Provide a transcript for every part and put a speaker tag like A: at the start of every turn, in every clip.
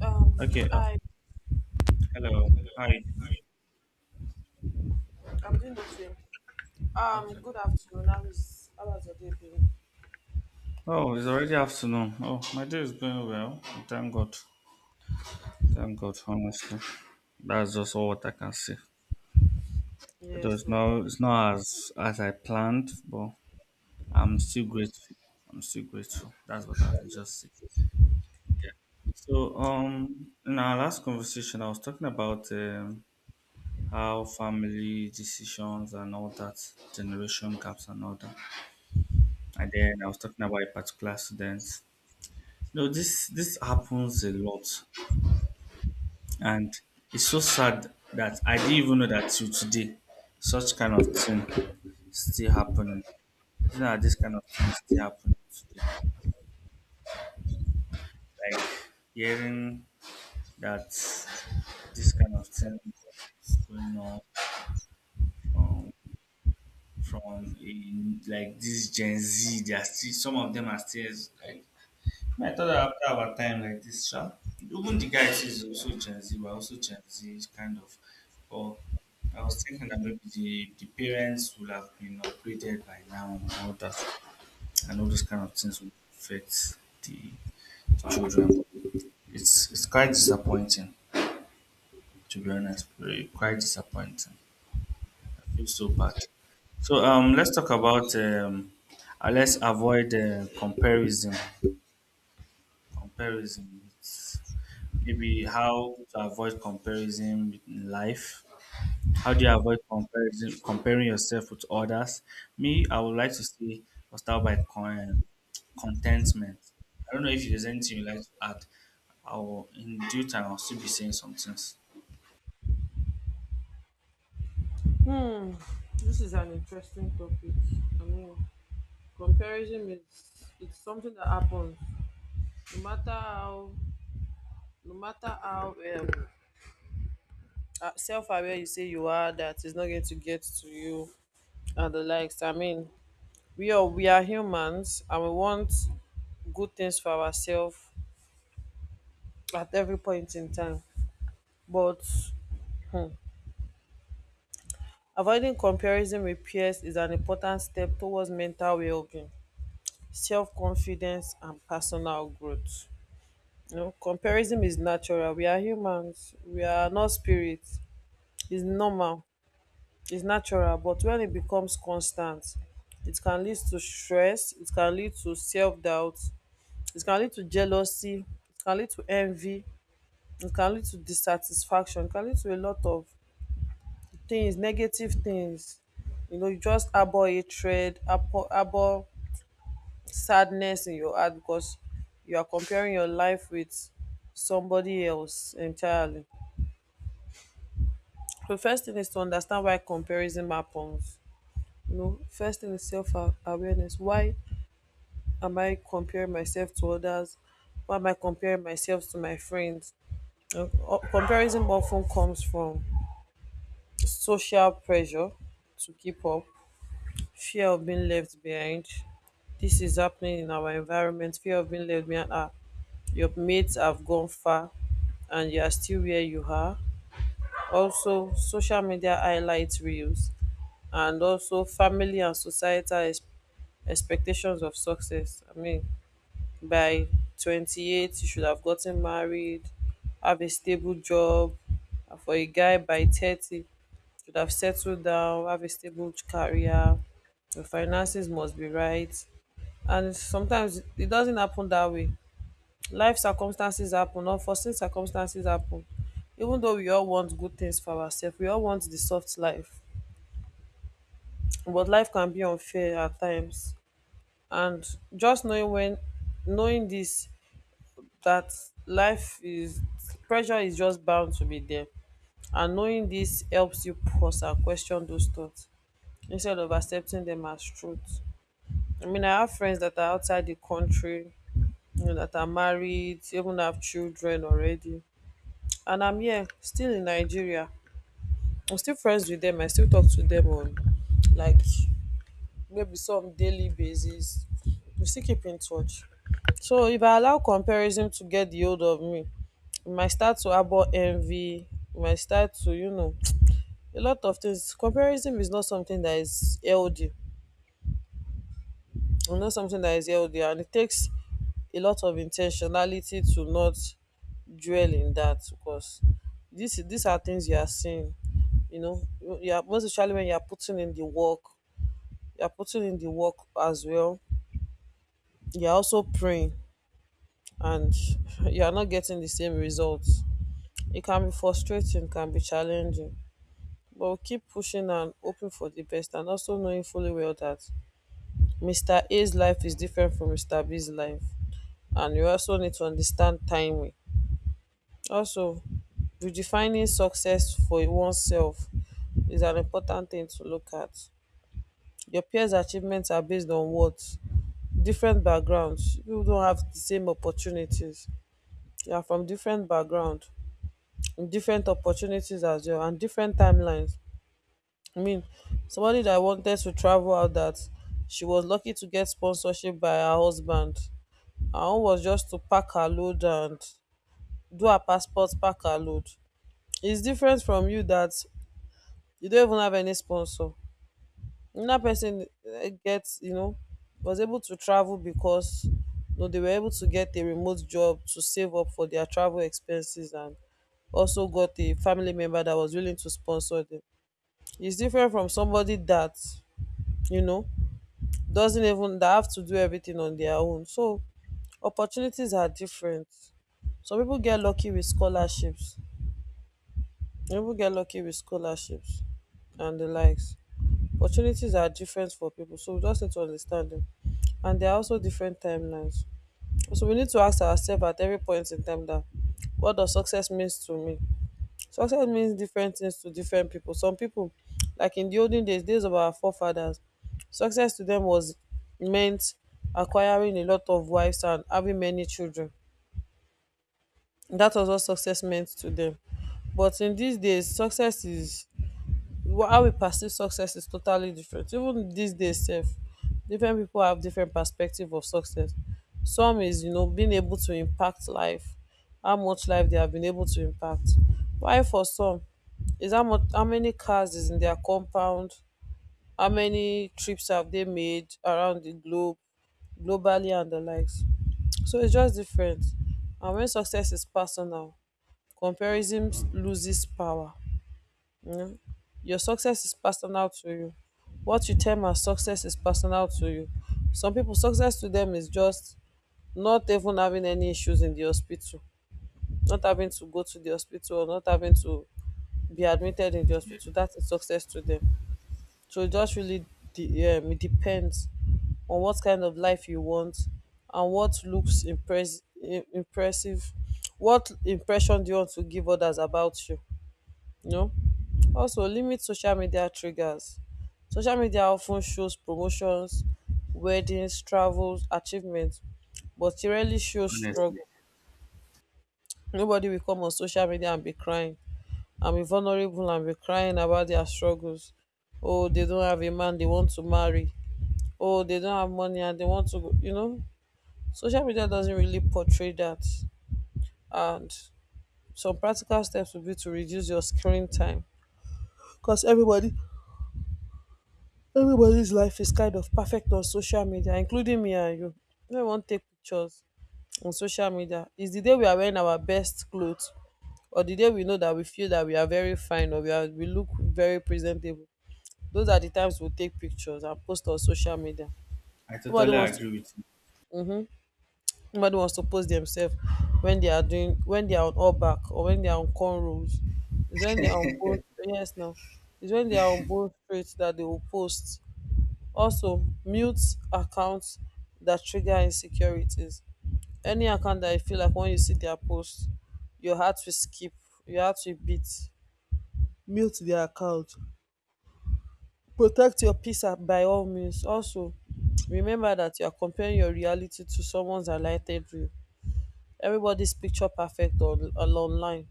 A: Um,
B: Okay.
A: I
B: Hello. How are you doing?
A: I'm doing okay.
B: Okay.
A: Good afternoon. How has your day been?
B: Oh, it's already afternoon. Oh, my day is going well. Thank God. Thank God. Honestly, that's just all what I can say. It
A: Yeah,
B: was
A: so
B: no, it's not as I planned, but I'm still grateful. I'm still grateful. That's what I can just say. So, in our last conversation, I was talking about, how family decisions and all that generation gaps and all that, and then I was talking about a particular student. No, this happens a lot, and it's so sad that I didn't even know that till today, such kind of thing still happening. You know, this kind of thing still happening today. Like hearing that this kind of thing is going on, um, from a, like this Gen Z. They are still some of them are still like I thought that after our time like this, sha, even the guy is also Gen Z, we're also Gen Z kind of. But I was thinking that maybe the parents will have been upgraded by now and all that, and all those kind of things would affect the children. It's quite disappointing, to be honest. Very quite disappointing. I feel so bad. So, let's talk about, let's avoid comparison. Comparison. Maybe how to avoid comparison in life. How do you avoid comparison, comparing yourself with others? Me, I would like to say, I'll start by contentment. I don't know if there's anything you like to add. I will, in due time, I'll still be saying some things.
A: hmm, this is an interesting topic. I mean, comparison is it's something that happens no matter how no matter how self-aware you say you are that is not going to get to you and the likes. I mean, we are humans and we want good things for ourselves at every point in time. But. hmm, Avoiding comparison with peers is an important step towards mental well-being, self-confidence and personal growth. You know, comparison is natural. We are humans. We are not spirits. It's normal. It's natural. But when it becomes constant, it can lead to stress. It can lead to self-doubt. It can lead to jealousy. It can lead to envy. It can lead to dissatisfaction. It can lead to a lot of things negative things. You know, you just harbor hatred, harbor sadness in your heart because you are comparing your life with somebody else entirely. So first thing is to understand why comparison happens. You know, first thing is self-awareness. Why am I comparing myself to others? Why am I comparing myself to my friends? Comparison often comes from social pressure to keep up. Fear of being left behind. This is happening in our environment. Fear of being left behind. Ah, your mates have gone far and you are still where you are. Also, social media highlights reels, and also family and societal expectations of success. I mean, by 28, you should have gotten married, have a stable job. And for a guy by 30, should have settled down, have a stable career. Your finances must be right, and sometimes it doesn't happen that way. Life circumstances happen, unforeseen circumstances happen. Even though we all want good things for ourselves, we all want the soft life, but life can be unfair at times. And just knowing this, that life is pressure, is just bound to be there, and knowing this helps you pause and question those thoughts instead of accepting them as truth. I mean, I have friends that are outside the country, you know, that are married, even have children already. And I'm here, still in Nigeria. I'm still friends with them. I still talk to them on, like, maybe some daily basis. We still keep in touch. So if I allow comparison to get the hold of me, it might start to harbor envy, it might start to, you know, a lot of things. Comparison is not something that is healthy. And it takes a lot of intentionality to not dwell in that, because this these are things you are seeing. You know, you are, most especially when you are putting in the work. You are putting in the work as well, you are also praying, and you are not getting the same results. It can be frustrating, can be challenging, but we keep pushing and hoping for the best, and also knowing fully well that Mr. A's life is different from Mr. B's life. And you also need to understand timing. Also, redefining success for oneself is an important thing to look at. Your peers' achievements are based on what? Different backgrounds. You don't have the same opportunities. You are from different background, different opportunities as well, and different timelines. I mean, somebody that wanted to travel out, that she was lucky to get sponsorship by her husband. Her own was just to pack her load and do her passport, pack her load. It's different from you that you don't even have any sponsor. Another person, eh, gets, you know, was able to travel because, you know, they were able to get a remote job to save up for their travel expenses, and also got a family member that was willing to sponsor them. It's different from somebody that, you know, doesn't even that have to do everything on their own. So opportunities are different. Some people get lucky with scholarships. Some people get lucky with scholarships and the likes. Opportunities are different for people, so we just need to understand them. And there are also different timelines. So we need to ask ourselves at every point in time that what does success means to me? Success means different things to different people. Some people, like in the olden days, days of our forefathers, success to them was meant acquiring a lot of wives and having many children. That was what success meant to them. But in these days, success is how we perceive success is totally different. Even these days sef, different people have different perspective of success. Some is, you know, being able to impact life, how much life they have been able to impact, while for some is how many cars is in their compound, how many trips have they made around the globe globally, and the likes. So it's just different. And when success is personal, comparison loses power. Mm. Your success is personal to you. What you term as success is personal to you. Some people, success to them is just not even having any issues in the hospital, not having to go to the hospital, or not having to be admitted in the
B: Yeah,
A: hospital. That is success to them. So it just really it depends on what kind of life you want, and what looks impressive. What impression do you want to give others about you? You know? Also, limit social media triggers. Social media often shows promotions, weddings, travels, achievements, but it rarely shows
B: honestly,
A: struggle. Nobody will come on social media and be crying and be vulnerable and be crying about their struggles. Oh, they don't have a man they want to marry. Oh, they don't have money and they want to, you know. Social media doesn't really portray that. And some practical steps would be to reduce your screen time, because everybody's life is kind of perfect on social media, including me and you. When we wan take pictures on social media, it's the day we are wearing our best clothes, or the day we know that we feel that we are very fine, or we are, we look very presentable. Those are the times we take pictures and post on social media.
B: I
A: Nobody
B: totally
A: wants to
B: agree with you.
A: nobody wants to post themselves when they are doing, when they are on all back or when they are on cornrows. It's when they are on both, yes now. It's when they are on both straight that they will post. Also, mute accounts that trigger insecurities. Any account that you feel like when you see their post your heart will skip, your heart will beat, mute their account. Protect your peace at by all means. Also, remember that you are comparing your reality to someone's highlighted reel. Everybody's picture perfect on online,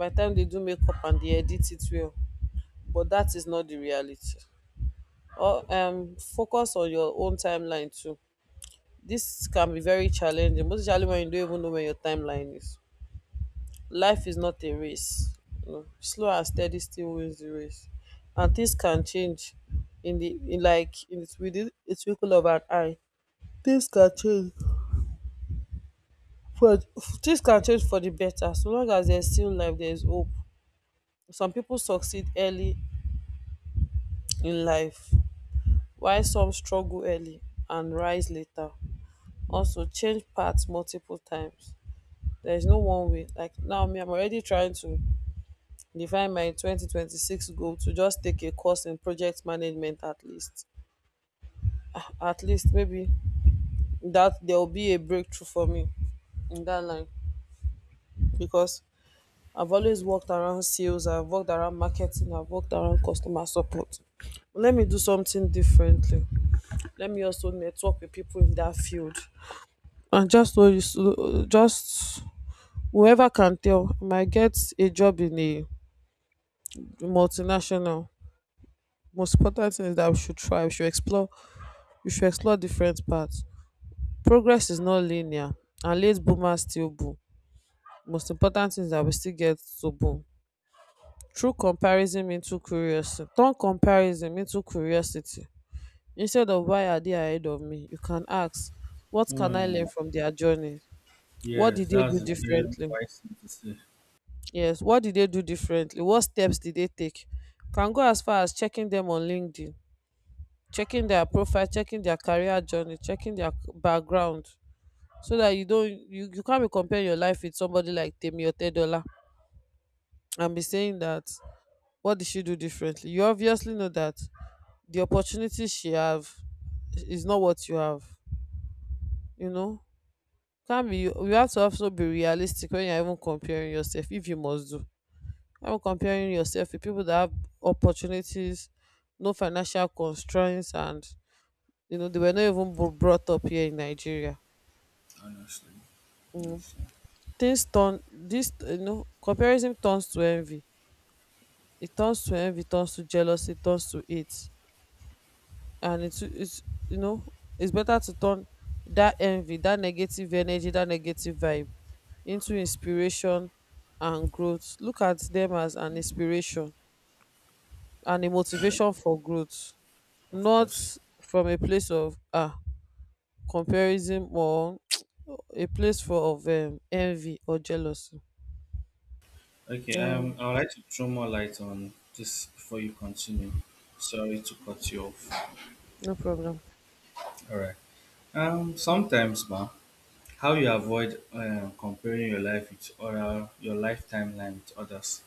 A: by the time they do makeup and they edit it well, but that is not the reality. Or focus on your own timeline too. This can be very challenging, most especially when you don't even know where your timeline is. Life is not a race. You know, slow and steady still wins the race, and things can change in the in like in the, within a twinkle of an eye. Things can change for Things can change for the better. So long as there's still life, there's hope. Some people succeed early in life, while some struggle early and rise later. Also, change paths multiple times. There's no one way. Like now, me, I'm already trying to define my 2026 goal to just take a course in project management at least. Ah, at least maybe that there will be a breakthrough for me in that line, because I've always worked around sales, I've worked around marketing, I've worked around customer support. Let me do something differently. Let me also network with people in that field. And just so you, so- just whoever can tell, I might get a job in a multinational. Most important thing is that we should try, we should explore you should explore different paths. Progress is not linear, and late boomers still boom. Most important thing is that we still get to boom. Through comparison into curiosity. Turn comparison into curiosity. Instead of why are they ahead of me, you can ask, what can I
B: Hmm.
A: learn from their journey? What
B: Yes,
A: did they do
B: that's a very
A: differently?
B: wise thing to say.
A: Yes, what did they do differently? What steps did they take? Can go as far as checking them on LinkedIn, checking their profile, checking their career journey, checking their background, so that you can't be comparing your life with somebody like Temi or Tedola and be saying that what did she do differently? You obviously know that the opportunity she have is not what you have. You know, can't be. You have to also be realistic when you're even comparing yourself. If you must do, I'm comparing yourself with people that have opportunities, no financial constraints, and you know they were not even brought up here in Nigeria.
B: Honestly,
A: You
B: yes, yeah,
A: things turn this. You know, comparison turns to envy, it turns to envy it turns to jealousy, it turns to hate, and it's you know it's better to turn that envy, that negative energy, that negative vibe, into inspiration and growth. Look at them as an inspiration and a motivation for growth,
B: of
A: not
B: course.
A: from a place of comparison or a place for of envy or jealousy.
B: Okay,
A: um
B: I would like to throw more light on this before you continue. Sorry to cut you off.
A: no problem.
B: All right. Sometimes, ma, how you avoid comparing your life with other, your life timeline with others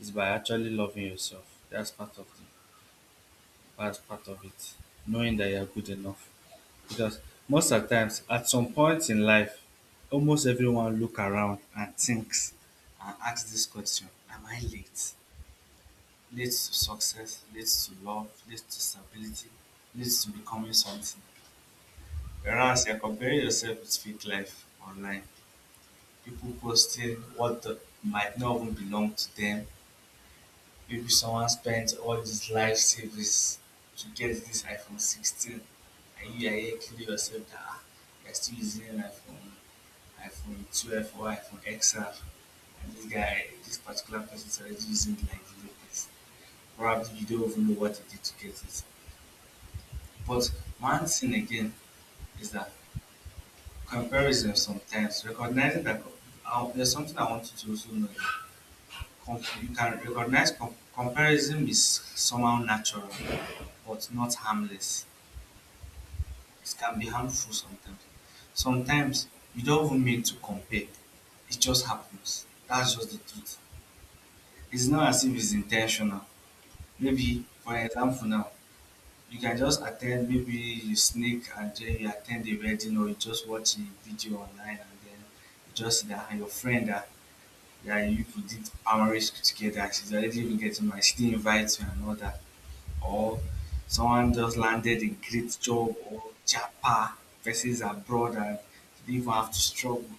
B: is by actually loving yourself. That's part of the, that's part of it. Knowing that you're good enough, because most of the times, at some point in life, almost everyone look around and thinks and asks this question: am I late? Leads to success, leads to love, leads to stability, leads to becoming something. Whereas you're comparing yourself with fake life online, people posting what might not even belong to them. Maybe someone spent all his life savings to get this iPhone 16, and you are here killing yourself that, "Ah, you're still using iPhone, iPhone 12 or iPhone XR, and this guy, this particular person is already using like the latest. Probably you don't even know what he did to get it." But one thing again is that comparison sometimes, recognizing that, there's something I want you to also know. You can recognize comparison is somehow natural, but not harmless. It can be harmful sometimes. Sometimes you don't even mean to compare, it just happens. That's just the truth. It's not as if it's intentional. Maybe, for example, now you can just attend, maybe you sneak and then you attend the wedding or you just watch a video online and then you just that your friend that you people did marriage together, she's already even getting married, she didn't invite you and all that. Or someone just landed a great job or japa versus abroad and you didn't even have to struggle.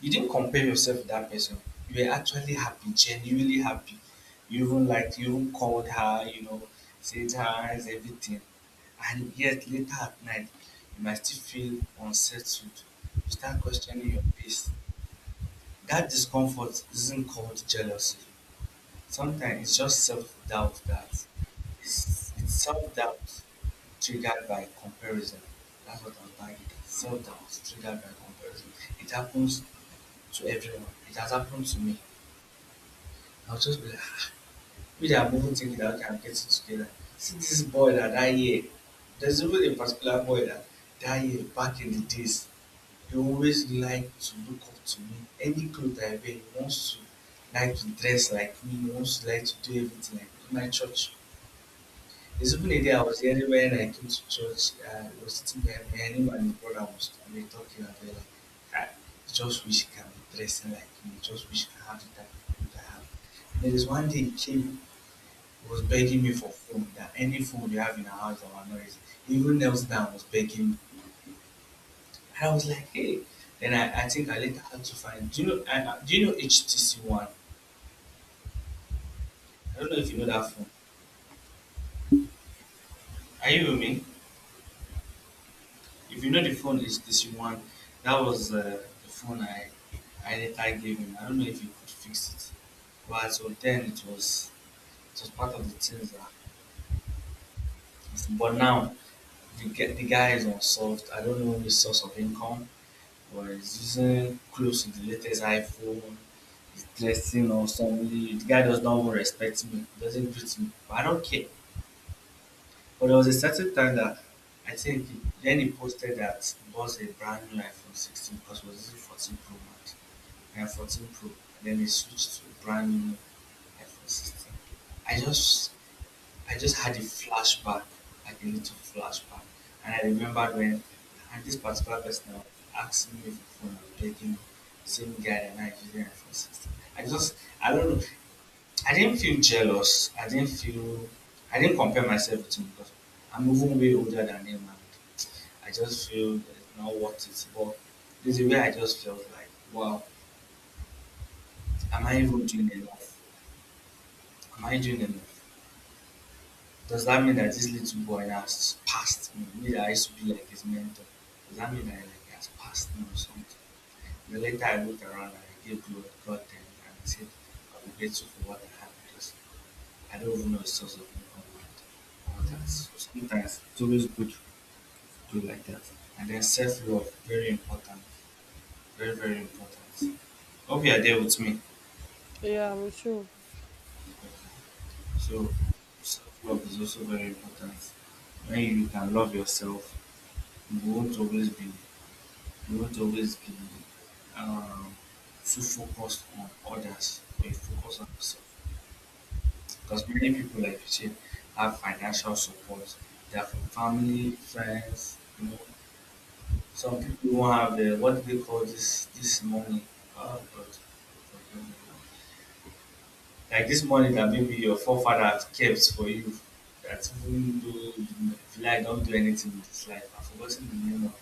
B: You didn't compare yourself with that person. You were actually happy, genuinely happy. You even like you even called her, said hi, is everything. And yet later at night, you might still feel unsettled. You start questioning your peace. That discomfort isn't called jealousy. Sometimes it's just self doubt that it's self doubt triggered by comparison. That's what I'm talking about. Self doubt triggered by comparison. It happens to everyone. It has happened to me. I'll just be like, "Ah, maybe I'm even thinking that okay, I'm getting together." See this boy that I hear. There's even a particular boy that that year back in the days. He always like to look up to me. Any clothes I wear, he wants to like to dress like me. He wants to like to do everything like me. In my church. There's even a day I was there when I came to church. I was sitting there. Me, and him and my brother was we were talking about it, like, "Ah, I just wish he can be dressing like me. Just wish he can have the type of clothes I have." And there is one day he came, he was begging me for food. That any food you have in our house, that was noisy. Even Nelson was begging me. And I was like, hey. Then I think I later had to find. Do you know? Do you know HTC One? I don't know if you know that phone. Are you with me? If you know the phone HTC One, that was the phone I later gave him. I don't know if you could fix it. But so then it was part of the things that. But now the guy is unsolved. I don't know the source of income, but he's using close to the latest iPhone. Stressing or somebody the guy does not even respect me, doesn't greet me. But I don't care. But there was a certain time that I think then he posted that he bought a brand new iPhone 16 because he was using 14 Pro Max and 14 Pro. Then he switched to a brand new iPhone 16. I just I just had a flashback, like a little flashback. And I remembered when and this particular person was asking me for phone and begging me, same guy and I using iPhone 16. I just I don't know. I didn't feel jealous. I didn't feel. I didn't compare myself with him because I'm even way older than him, and I just feel that it's not worth it. But there's a way I just felt like, wow, am I even doing enough? Am I doing enough? Does that mean that this little boy has passed me? Me that I used to be like his mentor. Does that mean that like, he like, has passed me or something? And later I looked around and I gave glory to God then and I said, I'm grateful for what I have because I don't even know the source of income and all that. So sometimes it's always good to do like that. And then self love, very important. Very, very important. Hope you are there with me.
A: Yeah, I'm with you.
B: So self love is also very important. When you can love yourself, you won't always be you won't always be um, too focused on others or you focus on yourself. Because many people, like you said, have financial support. They are from family, friends, you know. Some people won't have the what do they call this money. Oh God. Like this money that maybe your forefathers kept for you that even though you like don't do anything with this life. I've forgotten the name of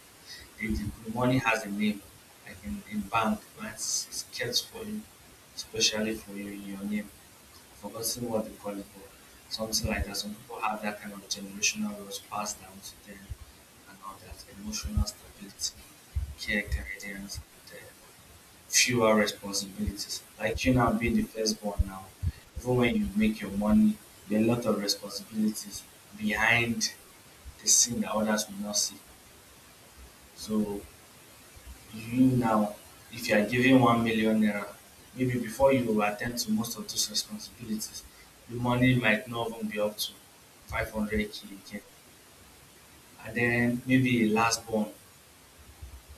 B: it. The money has a name, like in bank, right? It's kept for you, especially for you in your name forgotten what they call it, but something like that. Some people have that kind of generational was passed down to them and all that emotional stability, care guidance, and fewer responsibilities. Like you now being the firstborn now, even when you make your money, there are a lot of responsibilities behind the scene that others will not see. So you now, if you are giving 1 million naira, maybe before you attend to most of those responsibilities, the money might not even be up to 500k again. And then maybe a last born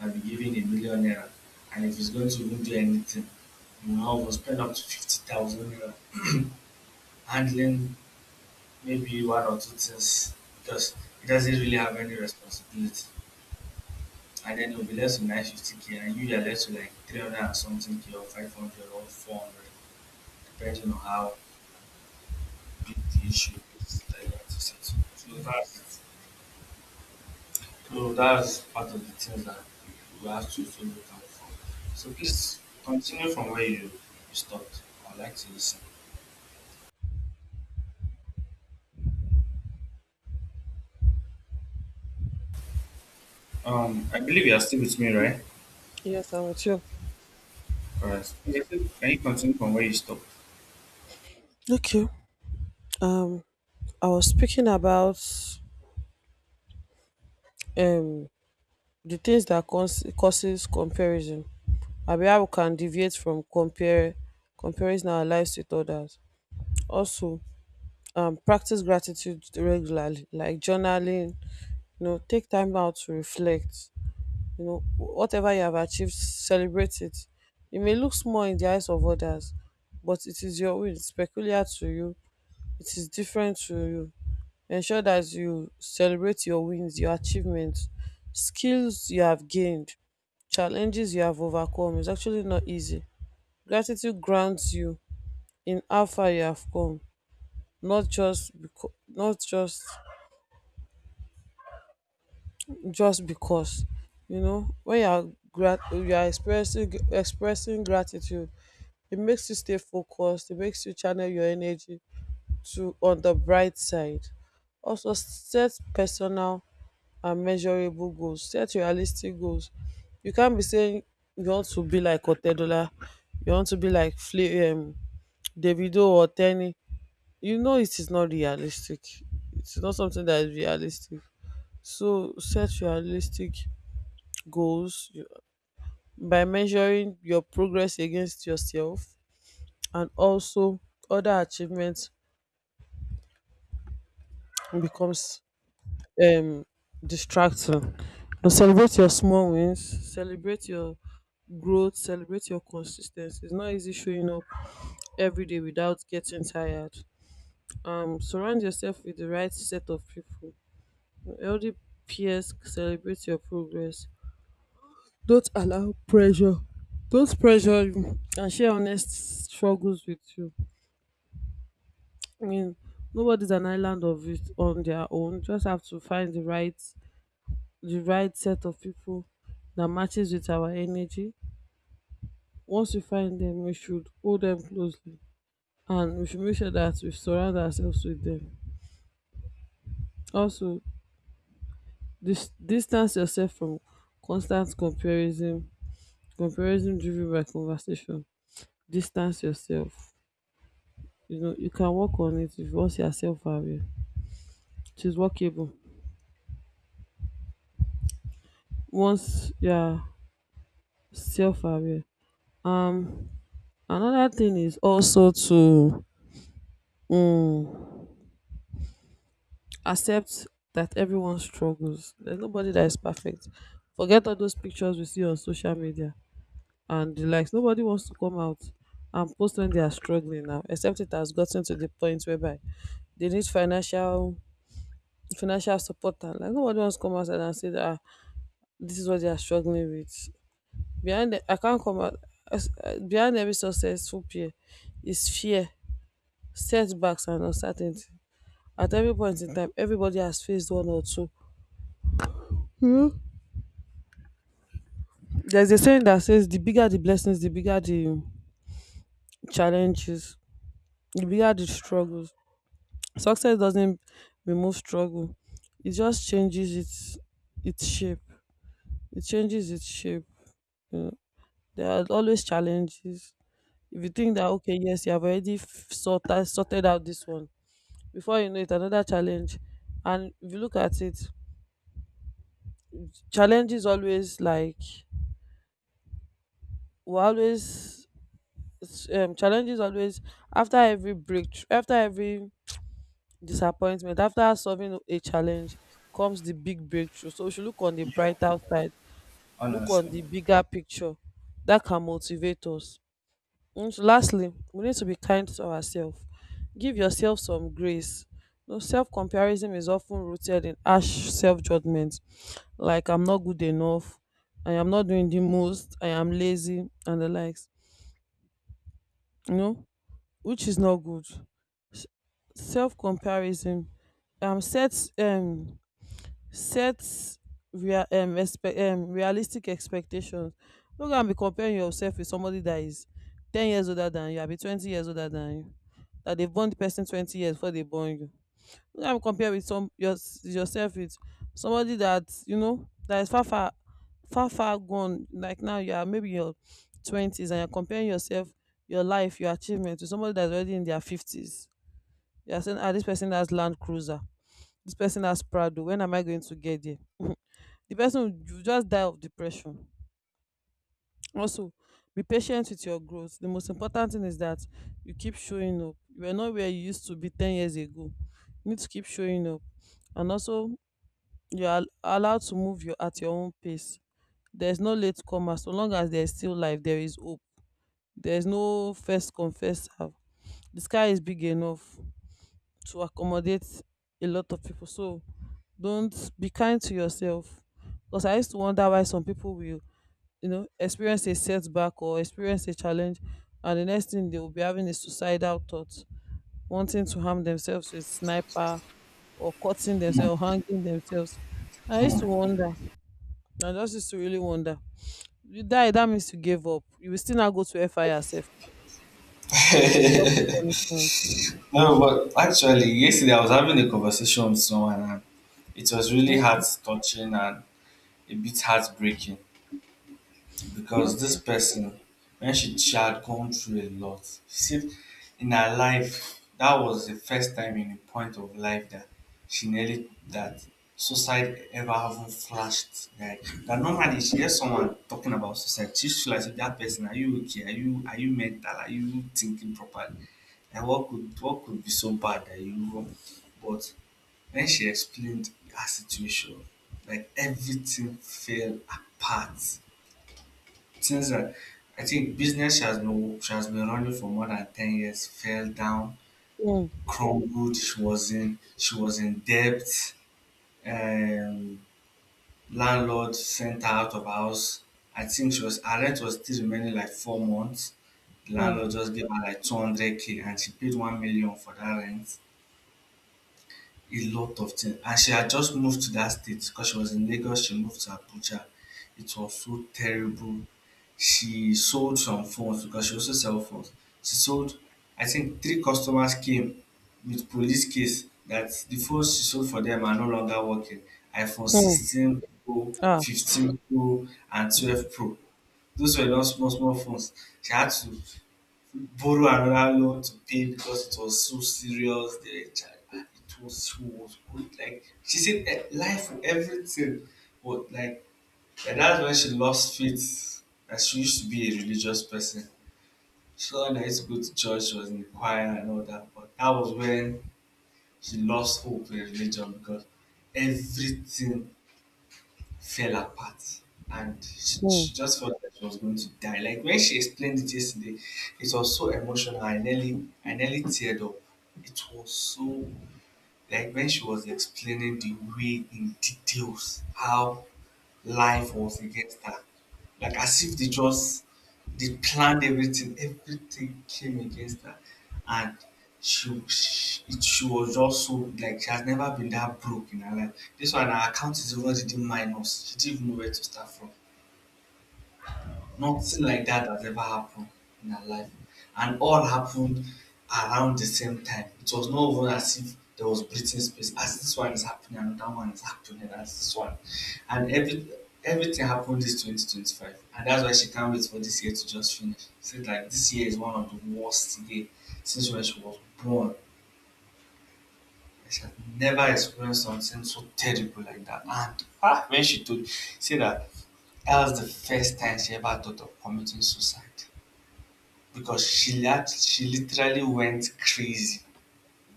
B: might be giving 1 million naira. And if he's going to even do anything, will spend up to 50,000 naira handling maybe one or two things because he doesn't really have any responsibility. And then you will be left with 950k and you are left with like 300 and something k or 500 or 400, depending on how big the issue is that you have to settle. So that's part of the things that we have to also look out for. So please continue from where you stopped. I'd like to listen. I believe you are still with me, right?
A: Yes, I'm with you.
B: Correct. Yes. Can you continue from where you stopped?
A: Okay. um I was speaking about um the things that causes comparison, abi how we can deviate from compare comparing our lives with others. Also, practice gratitude regularly, like journaling, you know, take time out to reflect, you know, whatever you have achieved, celebrate it. E may look small in the eyes of others, but it is your own, it's peculiar to you, it is different to you. Ensure that you celebrate your wins, your achievements, skills you have gained, challenges you have overcome. It's actually not easy. Gratitude grounds you in how far you have come, not just because, not just just because. You know, when you are you are expressing gratitude, it makes you stay focused. It makes you channel your energy to on the bright side. Also, set personal and measurable goals. Set realistic goals. You can't be saying you want to be like Otedola, you want to be like Davido or Tenny. You know it is not realistic. It's not something that is realistic. So set realistic goals you- by measuring your progress against yourself, and also other achievements becomes um distracting. But celebrate your small wins, celebrate your growth, celebrate your consistency. It's not easy showing up every day without getting tired. Surround yourself with the right set of people, healthy peers, celebrate your progress, don't allow pressure, don't pressure you, and share honest struggles with you. I mean, nobody's an island of it on their own. Just have to find the right set of people that matches with our energy. Once we find them, we should hold them closely, and we should make sure that we surround ourselves with them. Also, distance yourself from constant comparison, comparison driven by conversation. Distance yourself. You know, you can work on it if once you are self aware. It is workable. Once you are self aware. Um Another thing is also to um accept that everyone struggles. There's nobody that is perfect. Forget all those pictures we see on social media and the likes. Nobody wants to come out and post when they are struggling now, except it has gotten to the point whereby they need financial support. And like, nobody wants to come outside and say that, "Ah, this is what they are struggling with. Behind the, I can't come out behind every successful peer is fear, setbacks and uncertainty. At every point in time, everybody has faced one or two. Hmm. There's a saying that says the bigger the blessings, the bigger the challenges, the bigger the struggles. Success doesn't remove struggle. It just changes its shape. It changes its shape. You know. There are always challenges. If you think that okay, yes, you have already sorted out this one, before you know it, another challenge. And if you look at it, challenges always, like, we always challenges always, after every breakthrough, after every disappointment, after solving a challenge, comes the big breakthrough. So we should look on the
B: Yeah.
A: brighter side, look on
B: Honestly.
A: the bigger picture. That can motivate us. And so, lastly, we need to be kind to ourselves. Give yourself some grace. You know, self-comparison is often rooted in harsh self-judgment, like, I'm not good enough, I am not doing the most, I am lazy, and the likes. You know, which is not good. S- Self-comparison, um sets um set realistic expectations. No go and be comparing yourself with somebody that is 10 years older than you, abi 20 years older than you, that they born the person 20 years before they born you. No go and compare with some your yourself with somebody that you know that is far, far far gone. Like now you are maybe your twenties, and you are comparing yourself, your life, your achievement, to somebody that is already in their fifties. You are saying, ah, this person has Land Cruiser, this person has Prado, when am I going to get there? The person will just die of depression. Also, be patient with your growth. The most important thing is that you keep showing up. You are not where you used to be 10 years ago. You need to keep showing up. And also, you are allowed to move your, at your own pace. There is no late comer. So long as there is still life, there is hope. There is no first come, first serve. The sky is big enough to accommodate a lot of people. So don't be kind to yourself. Because I used to wonder why some people will, you know, experience a setback or experience a challenge, and the next thing they will be having is suicidal thoughts, wanting to harm themselves with sniper, or cutting themselves, hanging themselves. I used to
B: Hmm.
A: wonder. I just used to really wonder. You die, that means you gave up, you will still not go to fir yourself. Double punishment.
B: No, but actually, yesterday I was having a conversation with someone and it was really
A: Mm.
B: heart touching and a bit heartbreaking, because this
A: Okay.
B: person, when she had gone through a lot, she said in her life, that was the first time in a point of life that she nearly that suicide ever having flashed. Like that, normally she hears someone talking about suicide, she should like that person, "Are you okay? Are you mental? Are you thinking properly? And what could be so bad that you..." But when she explained her situation, like everything fell apart. Since then, I think business she has been running for more than 10 years. Fell down,
A: Mm.
B: crumbled. She was in debt. Um, Landlord sent her out of house. I think she was her rent was still remaining like 4 months. The
A: Mm.
B: landlord just gave her like 200 k, and she paid 1 million for that rent. A lot of things. And she had just moved to that state because she was in Lagos, she moved to Abuja. It was so terrible. She sold some phones because she also sells phones. She sold, I think, three customers came with police case that the phones she sold for them are no longer working. iPhone
A: Mm.
B: 16 Pro,
A: Ah.
B: 15 Pro, and 12 Pro. Those were not small, small phones. She had to borrow another loan to pay because it was so serious. The child, it was so was good. Like she said, eh, life, everything. But like, and that's when she lost faith. That she used to be a religious person. She thought that I used to go to church, she was in the choir and all that. But that was when she lost hope in religion because everything fell apart and she,
A: Mm.
B: she just felt that she was going to die. Like when she explained it yesterday, it was so emotional. I nearly teared up. It was so, like when she was explaining the way in details how life was against her, like as if they just they planned everything, everything came against her, and she was just so, like she has never been that broke in her life. This one her account is already minus. She didn't even know where to start from. Nothing like that has ever happened in her life. And all happened around the same time. It was not even as if there was breathing space. As this one is happening, another one is happening, as this one. And everything happened this 2025. And that's why she can't wait for this year to just finish. She said like this year is one of the worst year since when she was born. She had never experienced something so terrible like that. And ah, when she told, said that that was the first time she ever thought of committing suicide because she literally went crazy.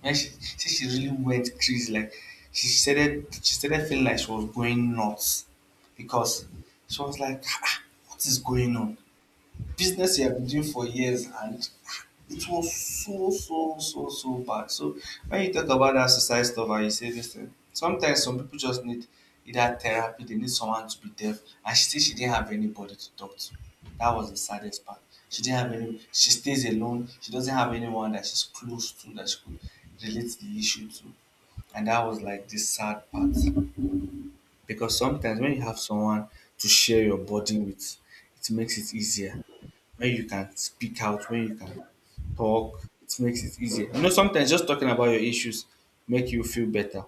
B: When she say she really went crazy, like she started feeling like she was going nuts because she was like, "Ah, ah, what is going on? Business you have been doing for years," and it was so, so, so, so bad. So when you talk about that society stuff and you say this thing, sometimes some people just need either therapy, they need someone to be there. And she said she didn't have anybody to talk to. That was the saddest part. She didn't have any, she stays alone, she doesn't have anyone that she's close to that she could relate the issue to. And that was like the sad part. Because sometimes when you have someone to share your burden with, it makes it easier. When you can speak out, when you can talk, it makes it easier. You know, sometimes just talking about your issues make you feel better.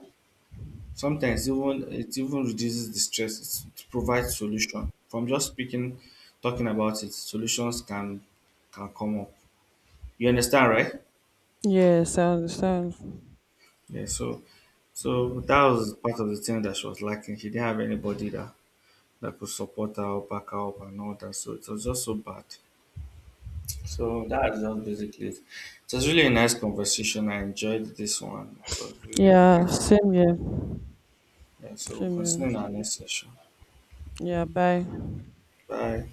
B: Sometimes even it even reduces the stress. It provides solution from just speaking, talking about it. Solutions can come up. You understand, right?
A: Yes, I understand.
B: Yeah. So, so that was part of the thing that she was lacking. She didn't have anybody that that could support her, back her up, and all that. So it was just so bad. So that's just basically it. It was really a nice conversation. I enjoyed this one. It was really
A: Yeah,
B: great.
A: same here.
B: Yeah, so we'll
A: Same
B: continue in
A: here.
B: our next session.
A: Yeah, bye.
B: Bye.